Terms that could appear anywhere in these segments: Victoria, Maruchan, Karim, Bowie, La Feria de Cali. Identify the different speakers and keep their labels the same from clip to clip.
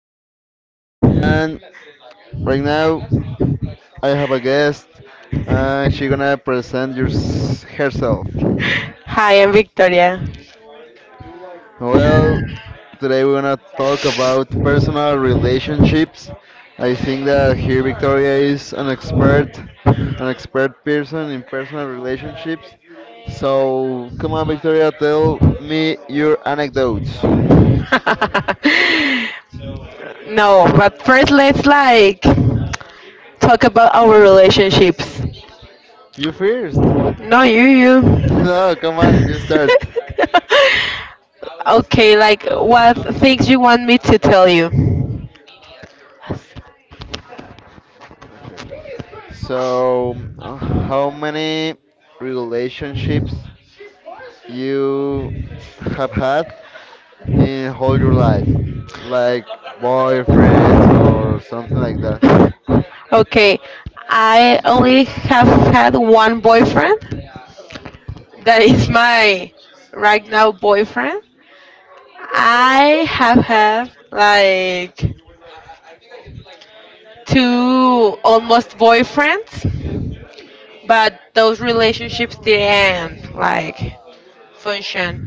Speaker 1: Karim here, and right now I have a guest, and she gonna present yours herself.
Speaker 2: Hi, I'm Victoria.
Speaker 1: Well, today we're gonna talk about personal relationships. I think that here Victoria is an expert person in personal relationships. So come on, Victoria, tell me your anecdotes.
Speaker 2: No, but first let's like talk about our relationships.
Speaker 1: You first.
Speaker 2: No, you, you.
Speaker 1: No, come on, you start.
Speaker 2: Okay, like what things you want me to tell you?
Speaker 1: Okay. So, how many relationships you have had in whole your life, like boyfriends or something like that?
Speaker 2: Okay, I only have had one boyfriend. That is
Speaker 1: Mhm.
Speaker 2: my right now boyfriend. I have had like two almost boyfriends, but those relationships didn't like function.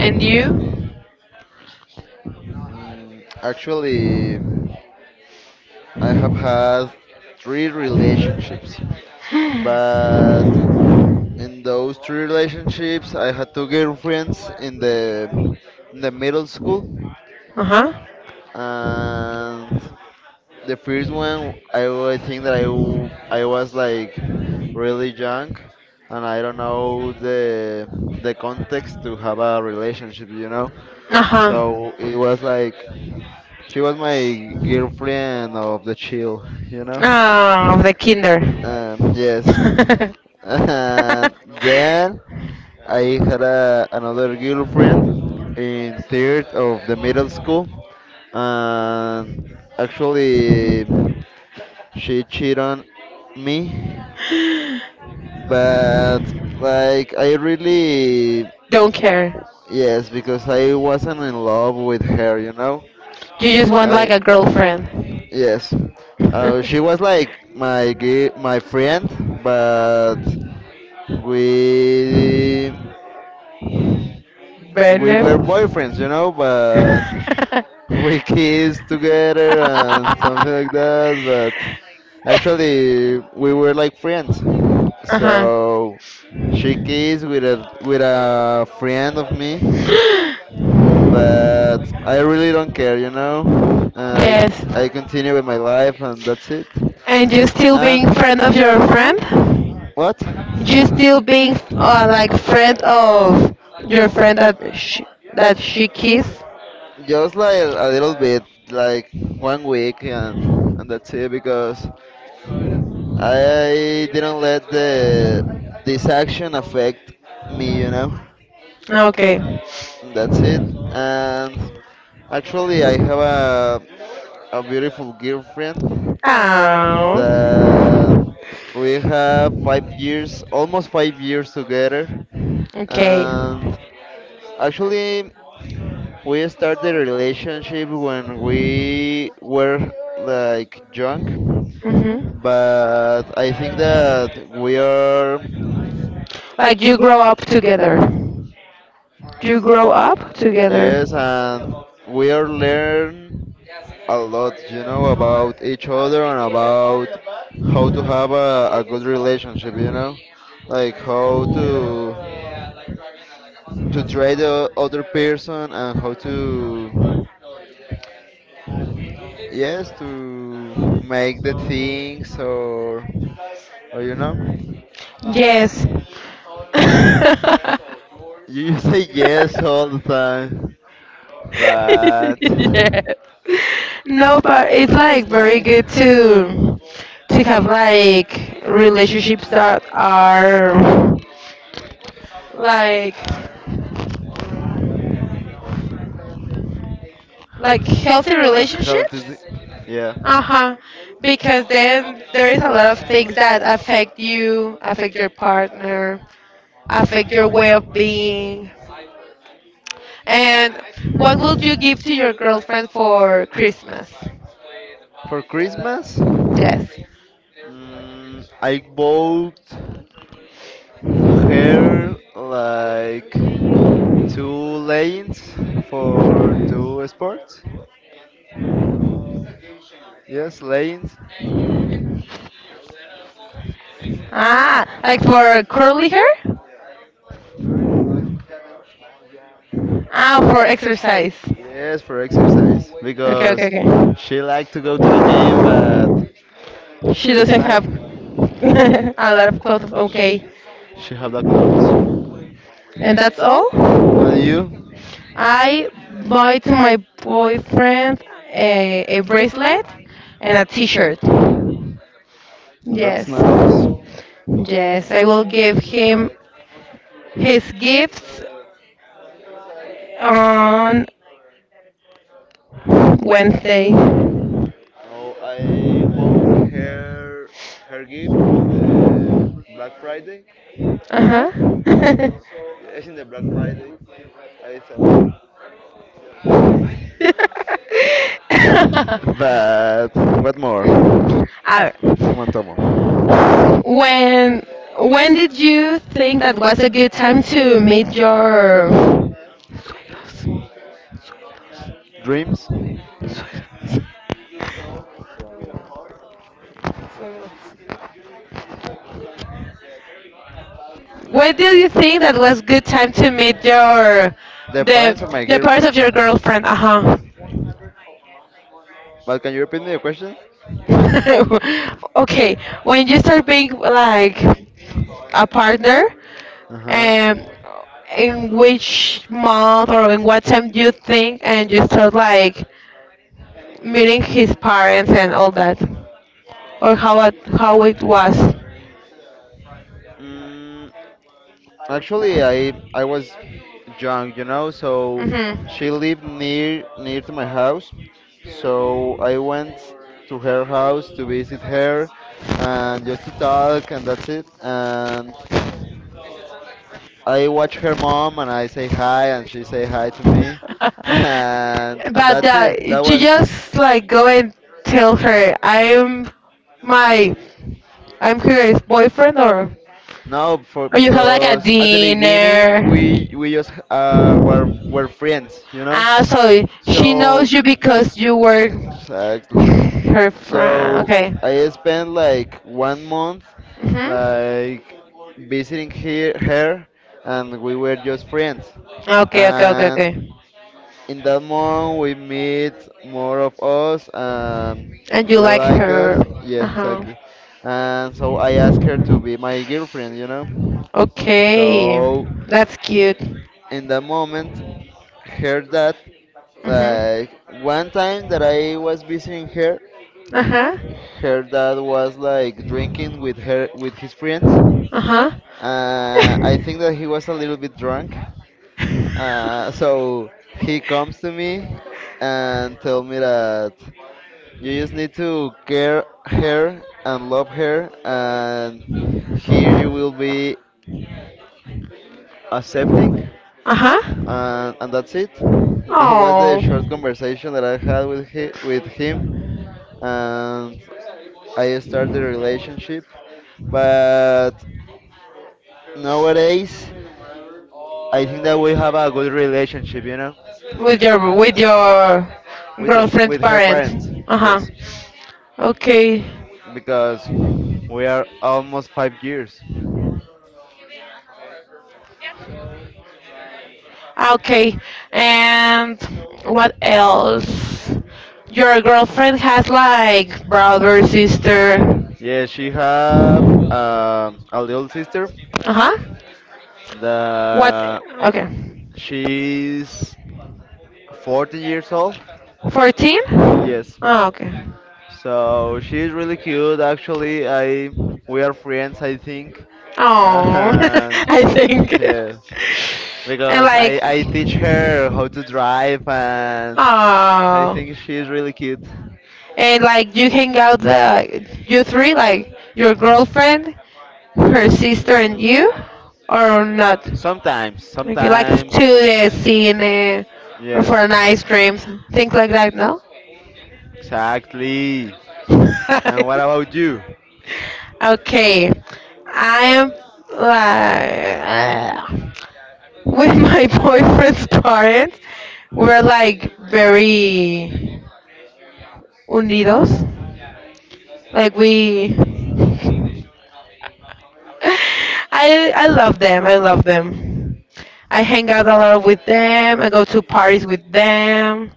Speaker 2: And you?
Speaker 1: Actually, I have had three relationships, but in those three relationships, I had two girlfriends in the middle school,
Speaker 2: Uh huh.
Speaker 1: and the first one, think that I was like really young, and I don't know the context to have a relationship, you know.
Speaker 2: Uh huh.
Speaker 1: So it was like she was my girlfriend of the chill, you know.
Speaker 2: Kinder.
Speaker 1: Yes. And then I had another girlfriend in third of the middle school, and actually she cheated on me. But like I really,
Speaker 2: Don't care.
Speaker 1: yes, because I wasn't in love with her, you know.
Speaker 2: You just want
Speaker 1: I
Speaker 2: like a girlfriend.
Speaker 1: yes, she was like my friend, but we we
Speaker 2: Benef.
Speaker 1: were boyfriends, you know, but we kissed together and something like that. But actually, we were like friends.
Speaker 2: Uh huh.
Speaker 1: So she kissed with a friend of me, but I really don't care, you know. And
Speaker 2: Yes.
Speaker 1: I continue with my life, and that's it.
Speaker 2: And you still
Speaker 1: And
Speaker 2: being friend of your friend?
Speaker 1: what?
Speaker 2: You still being like friend of your friend that she kissed?
Speaker 1: Just like a little bit, like 1 week, and that's it because I didn't let the this action affect me, you know.
Speaker 2: Okay.
Speaker 1: That's it. And actually, I have a beautiful girlfriend
Speaker 2: Oh,
Speaker 1: that we have 5 years, almost 5 years together.
Speaker 2: okay.
Speaker 1: And actually, we started the relationship when we were like drunk,
Speaker 2: Hmm.
Speaker 1: but I think that we are.
Speaker 2: Like you grow up together. You grow up together.
Speaker 1: Yes, and we are learn a lot, you know, about each other and about how to have a good relationship, you know, like how to try the other person and how to yes to make the things or you know.
Speaker 2: Yes.
Speaker 1: You say yes all the time but
Speaker 2: Yeah. No, but it's
Speaker 1: it's
Speaker 2: like very
Speaker 1: nice.
Speaker 2: good to have like relationships that are like like healthy relationships.
Speaker 1: Yeah.
Speaker 2: Uh-huh. Because then there is a lot of things that affect you, affect your partner, affect your way of being. And what would you give to your girlfriend for Christmas?
Speaker 1: For Christmas,
Speaker 2: Yes.
Speaker 1: I bought her like two lanes for two sports. Yes, lanes.
Speaker 2: Ah, like for curly hair? Ah, for exercise.
Speaker 1: Yes, for exercise
Speaker 2: Okay, okay,
Speaker 1: because
Speaker 2: okay.
Speaker 1: she liked to go to the gym, but
Speaker 2: She
Speaker 1: it's
Speaker 2: doesn't
Speaker 1: nice.
Speaker 2: have a lot of clothes. Okay.
Speaker 1: She, she have the clothes.
Speaker 2: And that's
Speaker 1: And
Speaker 2: all?
Speaker 1: you?
Speaker 2: I buy to my boyfriend a bracelet and a t-shirt.
Speaker 1: That's
Speaker 2: Yes.
Speaker 1: nice.
Speaker 2: Yes, I will give him his gifts on Wednesday.
Speaker 1: Oh, I bought her her gift on the Black Friday.
Speaker 2: Uh-huh.
Speaker 1: Oh, yes, in the Black Friday. I thought. But what more?
Speaker 2: Ah,
Speaker 1: Fantomo.
Speaker 2: when when did you think that was a good time to meet your
Speaker 1: Dreams.
Speaker 2: when did you think that was good time to meet your
Speaker 1: The
Speaker 2: the
Speaker 1: parents of my
Speaker 2: the parents of
Speaker 1: girlfriend.
Speaker 2: your girlfriend? Uh-huh.
Speaker 1: But can you repeat me the question?
Speaker 2: Okay, when you start being like a partner,
Speaker 1: Uh huh.
Speaker 2: Um, in which month or in what time do you think and you start like meeting his parents and all that, or how it was?
Speaker 1: Mm, actually, I was young, you know, so
Speaker 2: Hmm.
Speaker 1: she lived near near to my house, so I went to her house to visit her and just to talk, and that's it. And I watch her mom and I say hi and she say hi to me and
Speaker 2: But
Speaker 1: that's it. That
Speaker 2: to
Speaker 1: was
Speaker 2: just like go and tell her my I'm her ex-boyfriend or
Speaker 1: no for
Speaker 2: you have like a
Speaker 1: because at the beginning
Speaker 2: dinner.
Speaker 1: we just were friends, you know?
Speaker 2: Ah, so she
Speaker 1: So
Speaker 2: knows you because you were
Speaker 1: exactly.
Speaker 2: her friend.
Speaker 1: So
Speaker 2: Okay.
Speaker 1: I spent like 1 month
Speaker 2: Mhm.
Speaker 1: like visiting her and we were just friends.
Speaker 2: Okay. Okay. Okay. Okay.
Speaker 1: And in that moment, we meet more of us.
Speaker 2: And you
Speaker 1: We
Speaker 2: like
Speaker 1: like
Speaker 2: her.
Speaker 1: us yes
Speaker 2: Uh-huh.
Speaker 1: exactly and so I asked her to be my girlfriend, you know,
Speaker 2: Okay.
Speaker 1: so
Speaker 2: That's cute.
Speaker 1: in that moment her dad
Speaker 2: Uh-huh.
Speaker 1: like one time that I was visiting her,
Speaker 2: Uh-huh.
Speaker 1: her dad was like drinking with her with his friends.
Speaker 2: Uh-huh.
Speaker 1: I think that he was a little bit drunk, so he comes to me and tell me that you just need to care her and love her, and here you will be accepting,
Speaker 2: Uh-huh.
Speaker 1: and that's it. That was the
Speaker 2: Oh,
Speaker 1: short conversation that I had with him, and I started the relationship. But nowadays, I think that we have a good relationship, you know,
Speaker 2: with your
Speaker 1: with the
Speaker 2: girlfriend's
Speaker 1: with her
Speaker 2: parents.
Speaker 1: parents.
Speaker 2: Uh-huh.
Speaker 1: Yes,
Speaker 2: Okay.
Speaker 1: because we are almost 5 years.
Speaker 2: Okay. And what else? Your girlfriend has like brother, sister.
Speaker 1: Yeah, she had a little sister
Speaker 2: Uh-huh. What?
Speaker 1: that
Speaker 2: Okay.
Speaker 1: she's 14 years old.
Speaker 2: 14?
Speaker 1: Yes.
Speaker 2: Oh, okay.
Speaker 1: So she's really cute. Actually, I we are friends, I think.
Speaker 2: Oh,
Speaker 1: Uh,
Speaker 2: I think.
Speaker 1: yes,
Speaker 2: and
Speaker 1: because
Speaker 2: like,
Speaker 1: I teach her how to drive, and I
Speaker 2: oh,
Speaker 1: think she's really cute.
Speaker 2: and like you hang out the you three like your girlfriend, her sister, and
Speaker 1: Mm,
Speaker 2: you, or not?
Speaker 1: sometimes,
Speaker 2: Like you like
Speaker 1: sometimes.
Speaker 2: to the cine or
Speaker 1: Yes,
Speaker 2: for an ice cream, things like that. No.
Speaker 1: exactly. And what about you?
Speaker 2: Okay, I am like with my boyfriend's parents. We're like very unidos. Like we, I love them. I love them. I hang out a lot with them. I go to parties with them.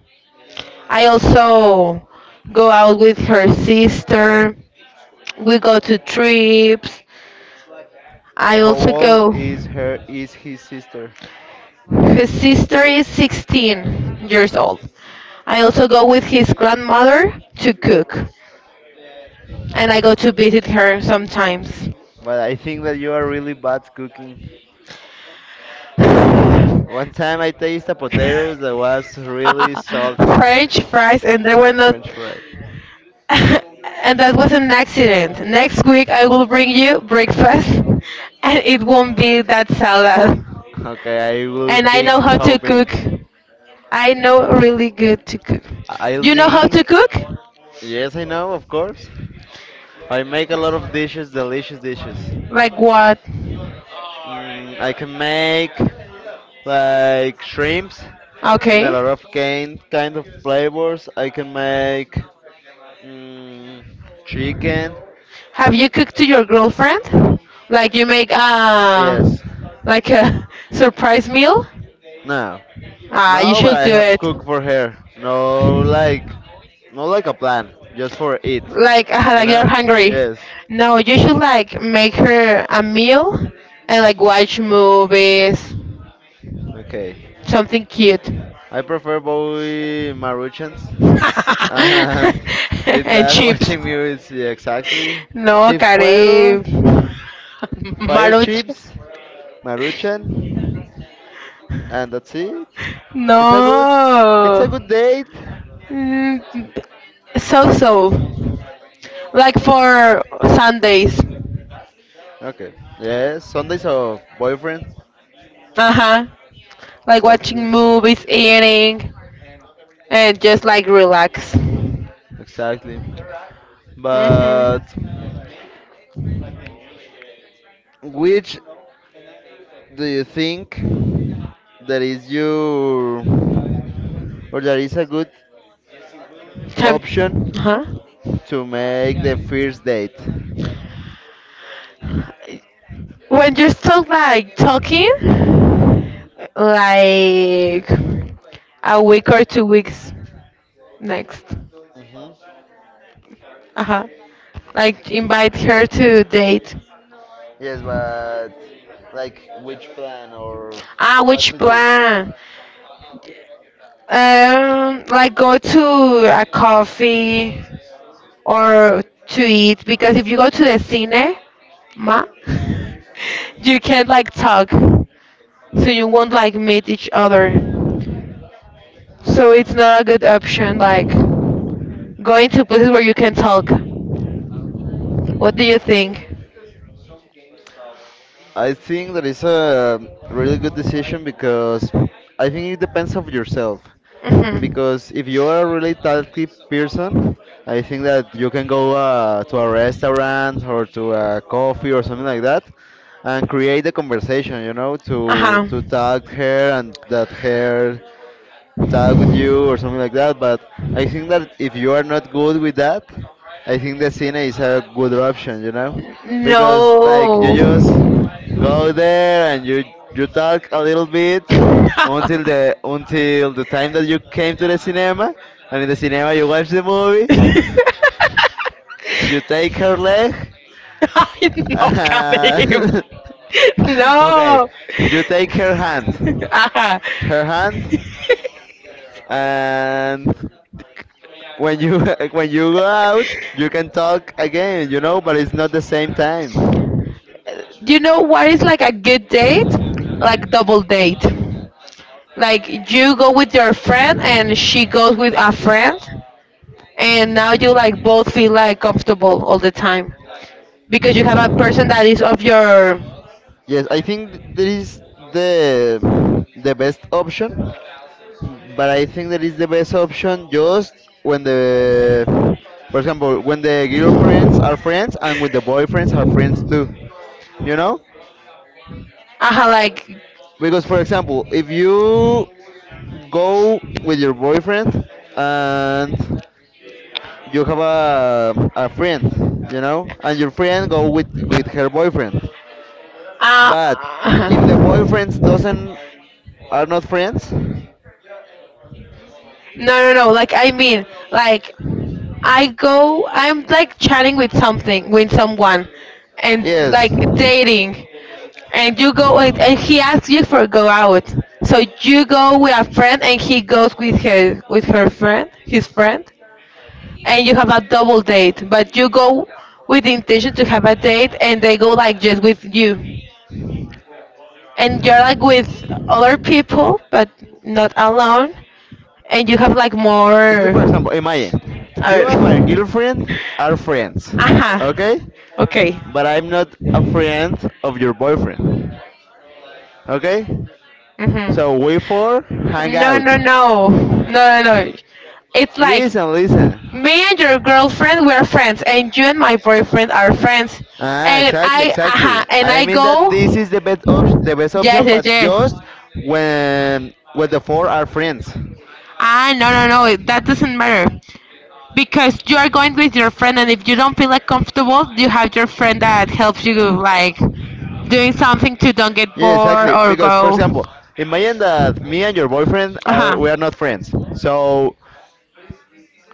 Speaker 2: I also go out with her sister. We go to trips. I
Speaker 1: How
Speaker 2: also
Speaker 1: old
Speaker 2: go.
Speaker 1: is her is his sister?
Speaker 2: His sister is 16 years old. I also go with his grandmother to cook, and I go to visit her sometimes.
Speaker 1: But I think that you are really bad cooking. One time I tasted potatoes that was really salty.
Speaker 2: French fries, and they were not
Speaker 1: French fry.
Speaker 2: and that was an accident. Next week I will bring you breakfast and it won't be that salad.
Speaker 1: Okay, I will
Speaker 2: And I
Speaker 1: be
Speaker 2: know how to
Speaker 1: hoping.
Speaker 2: cook. I know really good to cook.
Speaker 1: I'll
Speaker 2: You know how
Speaker 1: be.
Speaker 2: to cook?
Speaker 1: Yes, I know, of course. I make a lot of dishes, delicious dishes.
Speaker 2: Like what?
Speaker 1: I can make like shrimps
Speaker 2: Okay.
Speaker 1: in a lot of kind kind of flavors. I can make mm, chicken.
Speaker 2: Have you cooked to your girlfriend? Like you make a
Speaker 1: Yes.
Speaker 2: like a surprise meal?
Speaker 1: No.
Speaker 2: Ah, you
Speaker 1: No, but
Speaker 2: should
Speaker 1: I
Speaker 2: do
Speaker 1: have
Speaker 2: it.
Speaker 1: cooked for her. No, like, not like a plan, just for it.
Speaker 2: Like
Speaker 1: You
Speaker 2: like you're
Speaker 1: know?
Speaker 2: hungry.
Speaker 1: Yes.
Speaker 2: No, you should like make her a meal and like watch movies.
Speaker 1: Okay.
Speaker 2: Something cute.
Speaker 1: I prefer Bowie Maruchans. And it
Speaker 2: And
Speaker 1: does
Speaker 2: chips.
Speaker 1: watching music exactly.
Speaker 2: No,
Speaker 1: Chips Fuego,
Speaker 2: Karim.
Speaker 1: Fire
Speaker 2: Maruch.
Speaker 1: Chips, Maruchan, and that's it. It's a good, it's a
Speaker 2: No.
Speaker 1: good date.
Speaker 2: Mm, so so. Like for Sundays.
Speaker 1: Okay. Yes, Sundays of boyfriends.
Speaker 2: Uh huh. Like
Speaker 1: Exactly.
Speaker 2: watching movies, eating, and just like relax.
Speaker 1: Exactly. But
Speaker 2: Mhm.
Speaker 1: which do you think that is your or that is a good
Speaker 2: Time.
Speaker 1: option
Speaker 2: Huh?
Speaker 1: to make the first date?
Speaker 2: When you're still like talking, like a week or 2 weeks next.
Speaker 1: Hmm.
Speaker 2: Uh huh. Like invite her to date.
Speaker 1: Yes, but like which plan or
Speaker 2: Ah,
Speaker 1: what
Speaker 2: which
Speaker 1: to do?
Speaker 2: plan? Like go to a coffee or to eat because if you go to the cine, ma, you can't like talk, so you won't like meet each other. So it's not a good option. Like going to places where you can talk. What do you think?
Speaker 1: I think that is a really good decision because I think it depends of yourself.
Speaker 2: Mhm.
Speaker 1: Because if you are a really talkative person, I think that you can go to a restaurant or to a coffee or something like that, and create a conversation. You know,
Speaker 2: Uh huh.
Speaker 1: to talk her and that her talk with you or something like that. But I think that if you are not good with that, I think the cine is a good option, you know, because like you
Speaker 2: No.
Speaker 1: just go there and you talk a little bit until the time that you came to the cinema, and in the cinema you watch the movie, you take her leg.
Speaker 2: I know, Karim.
Speaker 1: Uh, okay,
Speaker 2: No.
Speaker 1: you take
Speaker 2: Uh-huh.
Speaker 1: her hand, and when you when you go out, you can talk again, you know, but it's not the same time.
Speaker 2: You know what is like a good date? Like double date. Like you go with your friend and she goes with a friend and now you like both feel like comfortable all the time because you have a person that is of your
Speaker 1: Yes, I think that is the the best option, but I think that is the best option just when the, for example, when the girlfriends are friends and when the boyfriends are friends too, you know,
Speaker 2: like
Speaker 1: because for example, if you go with your boyfriend and you have a friend, you know, and your friend go with her boyfriend.
Speaker 2: uh,
Speaker 1: But if the boyfriend doesn't are not friends,
Speaker 2: no, no, no, like I mean like I'm like chatting with something with someone and
Speaker 1: yes,
Speaker 2: like dating and you go and he asks you for go out, so you go with a friend and he goes with her friend his friend, and you have a double date, but you go with the intention to have a date and they go like just with you and you're like with other people but not alone and you have like
Speaker 1: this is
Speaker 2: more,
Speaker 1: for example, imagine
Speaker 2: uh,
Speaker 1: you and my girlfriend are friends,
Speaker 2: aha,
Speaker 1: okay?
Speaker 2: okay.
Speaker 1: But I'm not a friend of your boyfriend, okay? So
Speaker 2: Hmm.
Speaker 1: we four hang
Speaker 2: No,
Speaker 1: out.
Speaker 2: no, no, no, no, no, it's like
Speaker 1: Listen, listen.
Speaker 2: me and your girlfriend, we are friends, and you and my boyfriend are friends.
Speaker 1: Ah,
Speaker 2: And
Speaker 1: exactly, exactly.
Speaker 2: and
Speaker 1: I
Speaker 2: I
Speaker 1: mean that
Speaker 2: go,
Speaker 1: this is the the best
Speaker 2: yes,
Speaker 1: option, but
Speaker 2: yes, yes.
Speaker 1: just when the four are friends.
Speaker 2: Ah, no, no, no, that doesn't matter because you are going with your friend, and if you don't feel like comfortable, you have your friend that helps you like doing something to don't get
Speaker 1: Yeah,
Speaker 2: bored
Speaker 1: exactly.
Speaker 2: or
Speaker 1: Because for
Speaker 2: go.
Speaker 1: example, imagine that me and your boyfriend are
Speaker 2: Uh-huh.
Speaker 1: we are not friends. So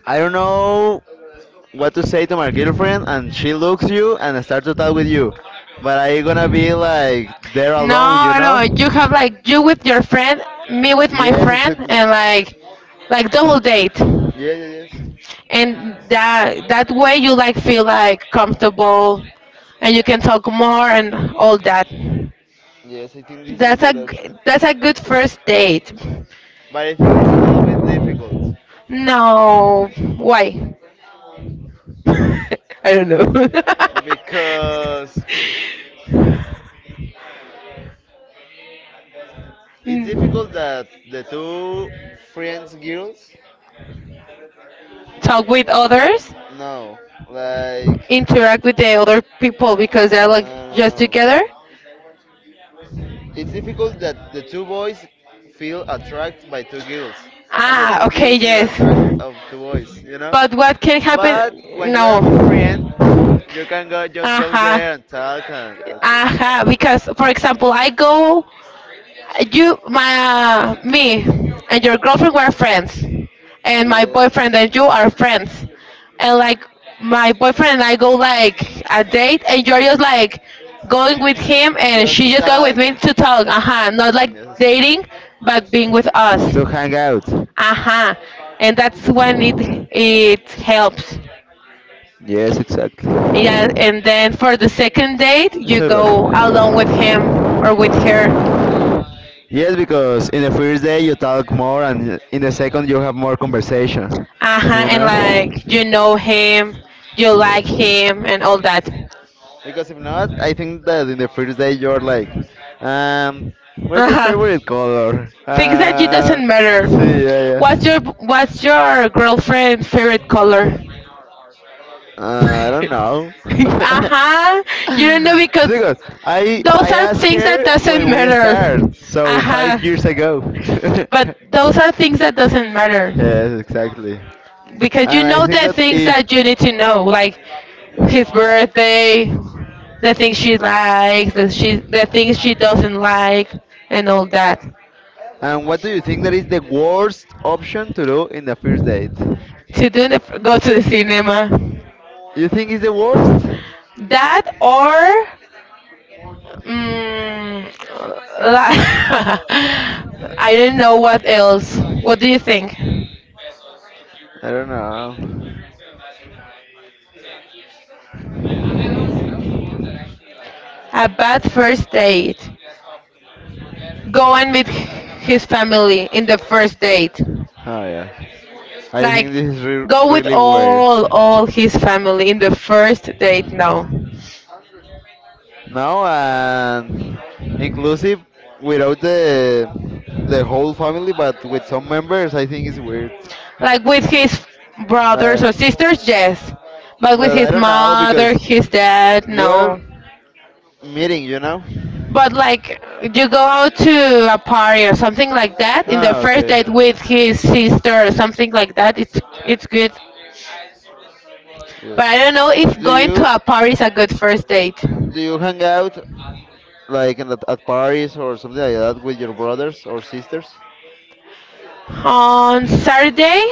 Speaker 1: I don't know what to say to my girlfriend, and she looks you and starts to talk with you, but I gonna be like there alone, you
Speaker 2: No,
Speaker 1: know?
Speaker 2: no, you have like you with your friend, me with my
Speaker 1: Yes,
Speaker 2: friend,
Speaker 1: exactly.
Speaker 2: and like double date.
Speaker 1: Yeah, yeah, yes.
Speaker 2: And that way you like feel like comfortable and you can talk more and all that.
Speaker 1: Yes, I think this is a
Speaker 2: that's a
Speaker 1: good
Speaker 2: g-
Speaker 1: option.
Speaker 2: that's a good first date.
Speaker 1: But I think it's a little bit difficult
Speaker 2: No, why? I don't know.
Speaker 1: because it's
Speaker 2: Mm.
Speaker 1: difficult that the two friends girls.
Speaker 2: Talk with others,
Speaker 1: No, like.
Speaker 2: interact with the other people because they're
Speaker 1: No,
Speaker 2: like
Speaker 1: no,
Speaker 2: just
Speaker 1: no.
Speaker 2: together.
Speaker 1: It's difficult that the two boys feel attracted by two girls, and the
Speaker 2: Ah,
Speaker 1: two
Speaker 2: okay,
Speaker 1: girls feel
Speaker 2: yes.
Speaker 1: attracted of two boys. You know.
Speaker 2: But what can happen?
Speaker 1: But when you are a good
Speaker 2: No.
Speaker 1: friend, you can go just go
Speaker 2: Uh-huh.
Speaker 1: there and talk, and that's it.
Speaker 2: Uh-huh. Because for example I go, You, my, me, and your girlfriend were friends, and my boyfriend
Speaker 1: Yes.
Speaker 2: and you are friends, and like my boyfriend and I go like a date, and you're just like going with him, and
Speaker 1: Just
Speaker 2: she
Speaker 1: to
Speaker 2: just going with
Speaker 1: talk.
Speaker 2: me to talk. Uh huh. Not like
Speaker 1: Yes,
Speaker 2: dating,
Speaker 1: it's
Speaker 2: but being with us.
Speaker 1: to hang out.
Speaker 2: Uh huh. And that's when it helps.
Speaker 1: Yes,
Speaker 2: Yeah.
Speaker 1: exactly.
Speaker 2: And then for the second date, you go alone with
Speaker 1: Exactly.
Speaker 2: him or with her.
Speaker 1: Yes, because in the first day you talk more, and in the second you have more conversation.
Speaker 2: Uh-huh.
Speaker 1: You
Speaker 2: And like
Speaker 1: know?
Speaker 2: you know him, you like
Speaker 1: Yes.
Speaker 2: him and all that.
Speaker 1: Because if not, I think that in the first day you're like, what's your
Speaker 2: Uh-huh.
Speaker 1: favorite color?
Speaker 2: Things that you doesn't matter.
Speaker 1: See, yeah,
Speaker 2: what's your
Speaker 1: yeah.
Speaker 2: what's your girlfriend's favorite color?
Speaker 1: I don't know.
Speaker 2: Uh-huh. You don't know because
Speaker 1: Because
Speaker 2: those
Speaker 1: I
Speaker 2: are
Speaker 1: asked
Speaker 2: things that
Speaker 1: her when
Speaker 2: doesn't
Speaker 1: we
Speaker 2: matter.
Speaker 1: start, so
Speaker 2: Uh-huh.
Speaker 1: 5 years ago.
Speaker 2: But those are things that doesn't matter
Speaker 1: yes, exactly.
Speaker 2: because you
Speaker 1: And
Speaker 2: know
Speaker 1: I think
Speaker 2: the
Speaker 1: that
Speaker 2: things
Speaker 1: if
Speaker 2: that you need to know, like his birthday, the things she likes, the things she doesn't like, and all that.
Speaker 1: and what do you think that is the worst option to do in the first date?
Speaker 2: To do in the go to the cinema.
Speaker 1: You think it's the worst?
Speaker 2: That or mm, la- I don't know what else. What do you think
Speaker 1: I don't know.
Speaker 2: a bad first date? Go and meet his family in the first date,
Speaker 1: Oh yeah. I think
Speaker 2: like
Speaker 1: this is
Speaker 2: go with
Speaker 1: really weird.
Speaker 2: all his family in the first date, no,
Speaker 1: No, and inclusive without the the whole family, but with some members, I think it's weird.
Speaker 2: like with his brothers
Speaker 1: Like,
Speaker 2: or sisters, yes, but with
Speaker 1: but
Speaker 2: his
Speaker 1: I don't know
Speaker 2: mother,
Speaker 1: because
Speaker 2: his dad, no.
Speaker 1: you're meeting, you know?
Speaker 2: But like you go out to a party or something like that in the
Speaker 1: Ah,
Speaker 2: first
Speaker 1: okay.
Speaker 2: date with his sister or something like that, it's good.
Speaker 1: Yes.
Speaker 2: But I don't know if
Speaker 1: Do
Speaker 2: going
Speaker 1: you
Speaker 2: to a party is a good first date.
Speaker 1: do you hang out like at parties or something like that with your brothers or sisters?
Speaker 2: On Saturday,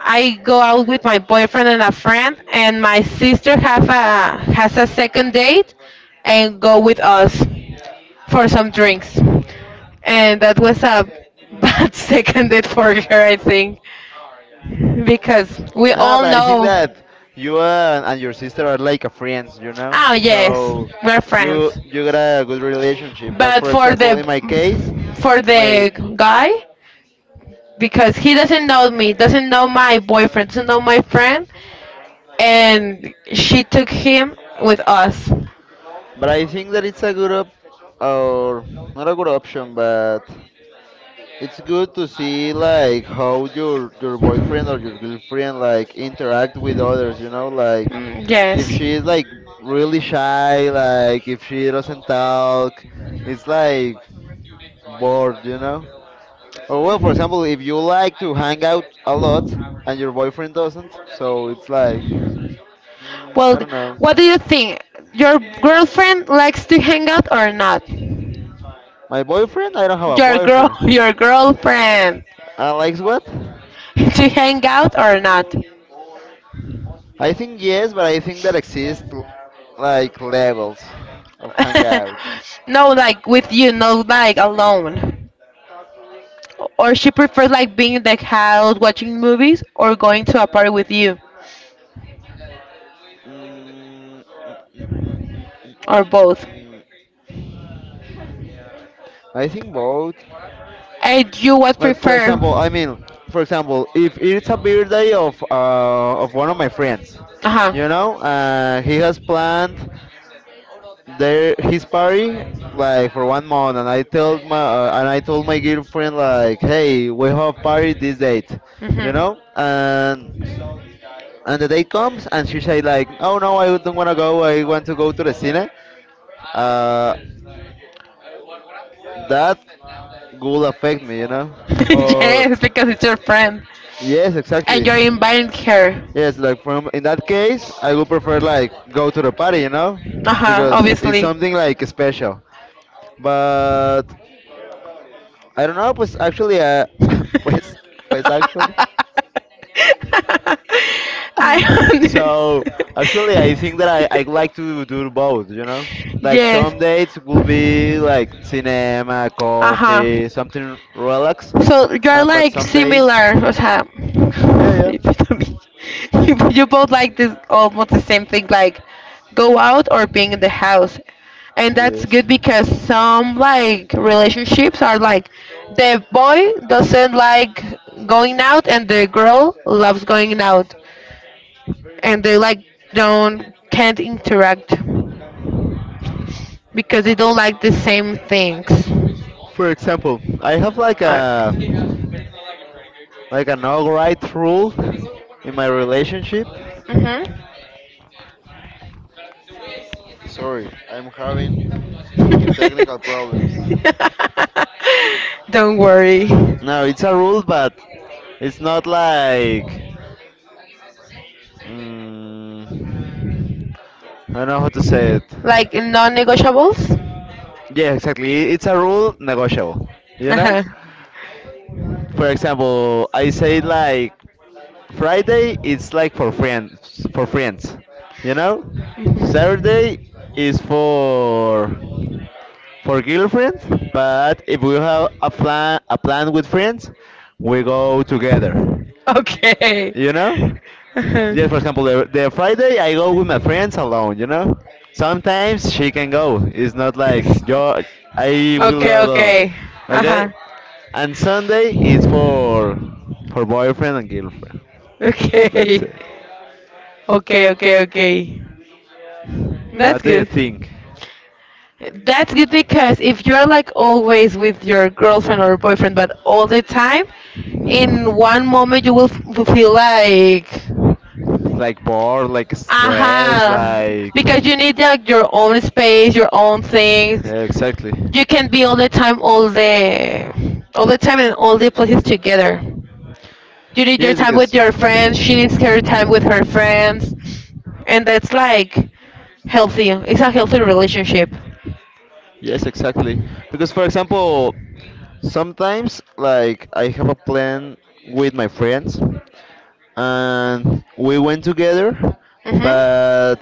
Speaker 2: I go out with my boyfriend and a friend, and my sister have a has a second date, and go with us for some drinks. And that was a bad second date for her, I think, because we
Speaker 1: No,
Speaker 2: all
Speaker 1: but I think
Speaker 2: know.
Speaker 1: that you and your sister are like a friends, you know.
Speaker 2: Oh yes,
Speaker 1: So
Speaker 2: we're friends.
Speaker 1: you got a good relationship. But
Speaker 2: But
Speaker 1: for
Speaker 2: for
Speaker 1: example,
Speaker 2: the
Speaker 1: in my case,
Speaker 2: for
Speaker 1: my
Speaker 2: the guy, because he doesn't know me, doesn't know my boyfriend, doesn't know my friend, and she took him with us.
Speaker 1: but I think that it's a good op or not a good option, but it's good to see like how your boyfriend or your girlfriend like interact with others, you know, like
Speaker 2: Mm, yes.
Speaker 1: if she is like really shy, like if she doesn't talk, it's like bored, you know. Or well, for example, if you like to hang out a lot and your boyfriend doesn't, so it's like
Speaker 2: Well,
Speaker 1: I don't know.
Speaker 2: what do you think? Your girlfriend likes to hang out or not?
Speaker 1: My boyfriend? I don't have a boyfriend.
Speaker 2: Your girlfriend,
Speaker 1: Alex, what?
Speaker 2: to hang out or not?
Speaker 1: I think yes, but I think that exists like levels of hangout.
Speaker 2: No, like with you, no, like alone. Or she prefers like being in the house watching movies or going to a party with you
Speaker 1: Mm, mm, mm, mm, mm, mm,
Speaker 2: or
Speaker 1: mm, mm,
Speaker 2: both.
Speaker 1: mm. I think both.
Speaker 2: And you what
Speaker 1: But for
Speaker 2: prefer?
Speaker 1: example, I mean, for example, if it's a birthday of one of my friends,
Speaker 2: Uh-huh.
Speaker 1: you know, he has planned there his party like for 1 month, and I told my girlfriend like, hey, we have party this date, you
Speaker 2: Hmm.
Speaker 1: know. And the day comes, and she say like, oh no, I don't want to go, I want to go to the cinema. Uh that will affect me, you know. Or
Speaker 2: Yes, because it's your friend.
Speaker 1: yes,
Speaker 2: And
Speaker 1: exactly.
Speaker 2: you're inviting her.
Speaker 1: Yes, like from, in that case I would prefer like go to the party, you know,
Speaker 2: Uh-huh,
Speaker 1: because it's
Speaker 2: obviously.
Speaker 1: something like special. But I don't know, pues actually, pues, pues actually.
Speaker 2: I
Speaker 1: So actually, I think that I like to do both, you know? Like
Speaker 2: yes.
Speaker 1: some dates will be like cinema,
Speaker 2: Uh-huh.
Speaker 1: coffee, something relax.
Speaker 2: So you're
Speaker 1: But
Speaker 2: like
Speaker 1: some days,
Speaker 2: similar, o sea,
Speaker 1: yeah,
Speaker 2: you both like this
Speaker 1: yeah,
Speaker 2: almost the same thing, like go out or being in the house, and that's
Speaker 1: yes.
Speaker 2: good because some like relationships are like the boy doesn't like going out and the girl loves going out, and they like don't can't interact because they don't like the same things.
Speaker 1: For example, I have like
Speaker 2: Alright.
Speaker 1: a like an alright rule in my relationship. Sorry, I'm having technical problems.
Speaker 2: Don't worry.
Speaker 1: No, it's a rule, but it's not like mm, I don't know how to say it.
Speaker 2: Like non-negotiables?
Speaker 1: Yeah, exactly. It's a rule negotiable. You know?
Speaker 2: Uh-huh.
Speaker 1: For example, I say like Friday it's like for friends, you know.
Speaker 2: Mhm.
Speaker 1: Saturday is for girlfriend, but if we have a plan with friends, we go together,
Speaker 2: Okay.
Speaker 1: you know.
Speaker 2: Uh-huh.
Speaker 1: Yes, for example, the Friday I go with my friends alone, you know. Sometimes she can go, it's not like, yo, I will
Speaker 2: Okay,
Speaker 1: go alone.
Speaker 2: okay. Uh-huh.
Speaker 1: Okay. And Sunday is for boyfriend and girlfriend, and that's
Speaker 2: Okay.
Speaker 1: it.
Speaker 2: Okay, okay, okay. That's
Speaker 1: What do you
Speaker 2: good.
Speaker 1: think?
Speaker 2: That's good because if you're like always with your girlfriend or boyfriend, but all the time, in one moment you will feel like,
Speaker 1: Like bored, like stress,
Speaker 2: aha.
Speaker 1: like
Speaker 2: Because you need like your own space, your own things.
Speaker 1: yeah, exactly.
Speaker 2: You can be all the time, all the time, in all the places together. You need your
Speaker 1: Yes,
Speaker 2: time
Speaker 1: because
Speaker 2: with your friends. She needs her
Speaker 1: with
Speaker 2: time with her friends, and that's like healthy. It's a healthy relationship.
Speaker 1: yes, exactly. Because for example, sometimes like I have a plan with my friends, and we went together,
Speaker 2: Hmm.
Speaker 1: but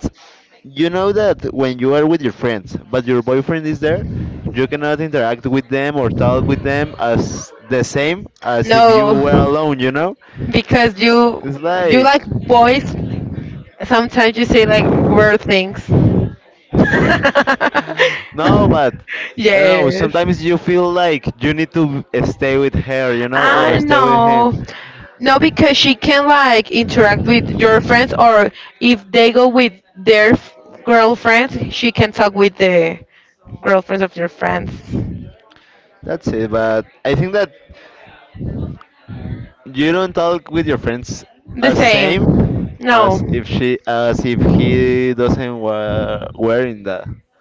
Speaker 1: you know that when you are with your friends, but your boyfriend is there, you cannot interact with them or talk with them as the same as if you
Speaker 2: No,
Speaker 1: were alone. You know,
Speaker 2: because you,
Speaker 1: it's
Speaker 2: you
Speaker 1: like.
Speaker 2: like boys. Sometimes you say like weird things.
Speaker 1: No, but I don't
Speaker 2: Yes.
Speaker 1: know. Sometimes you feel like you need to stay with her, you know, or
Speaker 2: I
Speaker 1: stay with
Speaker 2: know.
Speaker 1: him.
Speaker 2: No, because she can like interact with your friends, or if they go with their girlfriends, she can talk with the girlfriends of your friends.
Speaker 1: That's it. But I think that you don't talk with your friends
Speaker 2: The
Speaker 1: as
Speaker 2: same.
Speaker 1: same
Speaker 2: No.
Speaker 1: as if she, as if he doesn't wearing the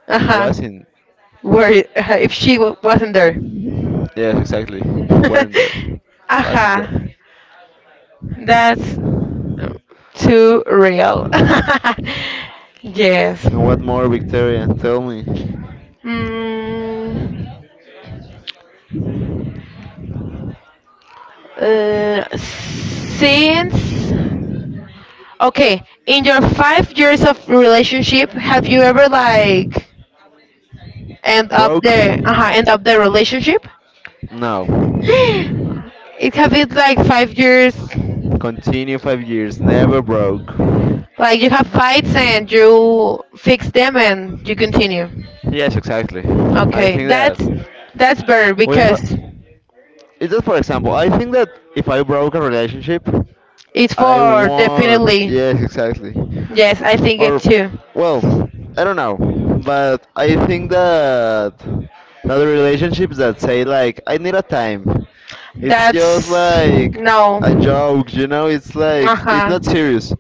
Speaker 2: Uh huh.
Speaker 1: wasn't.
Speaker 2: Where if she wasn't there.
Speaker 1: Yes, exactly. Wearing the
Speaker 2: Uh
Speaker 1: wasn't
Speaker 2: huh.
Speaker 1: there.
Speaker 2: That's too real. Yes.
Speaker 1: And what more, Victoria? Tell me.
Speaker 2: Mm, since okay, in your 5 years of relationship, have you ever like
Speaker 1: Broke?
Speaker 2: end up the relationship?
Speaker 1: No.
Speaker 2: It have it like 5 years,
Speaker 1: Continue 5 years. Never broke.
Speaker 2: like you have fights and you fix them and you continue.
Speaker 1: Yes, exactly. I
Speaker 2: Okay,
Speaker 1: think that.
Speaker 2: that's better
Speaker 1: We ha-
Speaker 2: because
Speaker 1: It's just for example. I think that if I broke a relationship,
Speaker 2: it's
Speaker 1: I
Speaker 2: for
Speaker 1: won't.
Speaker 2: definitely.
Speaker 1: Yes, exactly.
Speaker 2: Yes, I think it
Speaker 1: Or,
Speaker 2: too.
Speaker 1: well, I don't know, but I think that the relationships that say like I need a time, it's just
Speaker 2: That's
Speaker 1: like
Speaker 2: no.
Speaker 1: a joke. You know, it's
Speaker 2: Uh
Speaker 1: like it's
Speaker 2: huh.
Speaker 1: not serious.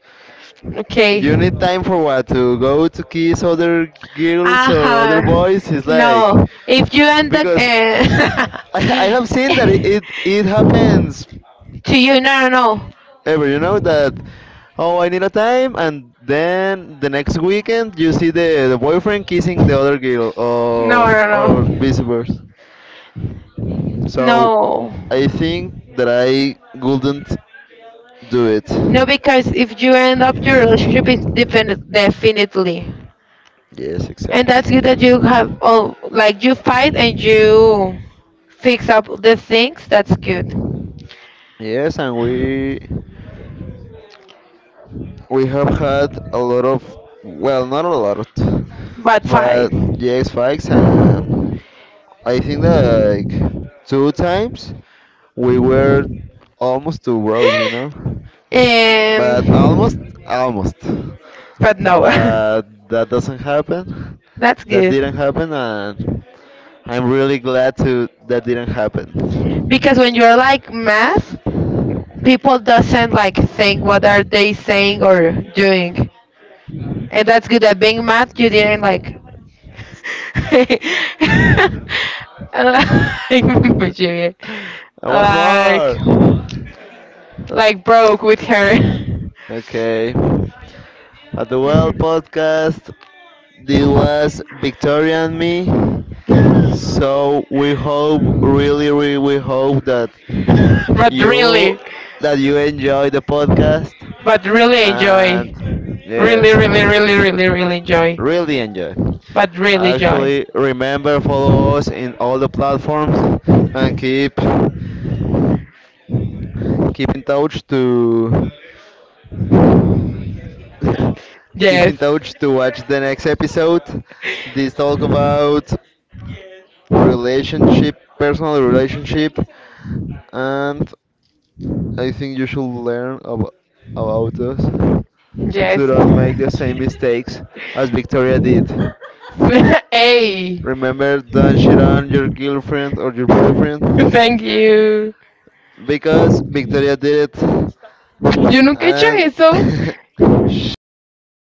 Speaker 2: Okay.
Speaker 1: You need time for what? To go to kiss other girls
Speaker 2: Uh
Speaker 1: or other
Speaker 2: huh.
Speaker 1: boys? It's like,
Speaker 2: No. If you end up.
Speaker 1: because I, I have seen that it happens
Speaker 2: To you, no, no,
Speaker 1: ever. You know that. Oh, I need a time, and then the next weekend you see the boyfriend kissing the other girl,
Speaker 2: no,
Speaker 1: or
Speaker 2: no, no,
Speaker 1: or
Speaker 2: no,
Speaker 1: vice versa. So
Speaker 2: no,
Speaker 1: I think that I wouldn't do it.
Speaker 2: no. Because if you end up your relationship it's definitely,
Speaker 1: Yes,
Speaker 2: and
Speaker 1: exactly.
Speaker 2: that's it. That you have, oh, like you fight and you fix up the things. That's good,
Speaker 1: Yes, and we have had a lot of, well, not a lot,
Speaker 2: but fight,
Speaker 1: but yes, fights, and I think that like 2 times we were almost too broke, you know? That's,
Speaker 2: and
Speaker 1: but almost, almost.
Speaker 2: but no,
Speaker 1: But that doesn't happen.
Speaker 2: that's
Speaker 1: That didn't
Speaker 2: good
Speaker 1: happen, and I'm really glad to that didn't happen.
Speaker 2: because when you're like math, people doesn't like think what are they saying or doing, and that's good. That being math, you didn't like like Nigeria.
Speaker 1: What
Speaker 2: like
Speaker 1: more.
Speaker 2: like broke with her.
Speaker 1: Okay. At the Well podcast. This was Victoria and me. So we hope, really, really, we hope
Speaker 2: but
Speaker 1: you
Speaker 2: really
Speaker 1: that you enjoy the podcast
Speaker 2: but really enjoy,
Speaker 1: and
Speaker 2: really,
Speaker 1: yes,
Speaker 2: really, really, really, really enjoy,
Speaker 1: really enjoy.
Speaker 2: but really joy,
Speaker 1: Actually, remember follow us in all the platforms and keep in touch to keep
Speaker 2: yes,
Speaker 1: in touch to watch the next episode. This talk about relationship, personal relationship, and I think you should learn about us to
Speaker 2: yes.
Speaker 1: don't make the same mistakes as Victoria did.
Speaker 2: Hey,
Speaker 1: Remember, don't shit on your girlfriend or your boyfriend
Speaker 2: thank you,
Speaker 1: because Victoria did it,
Speaker 2: yo nunca he hecho
Speaker 1: and.
Speaker 2: eso.
Speaker 1: Shh.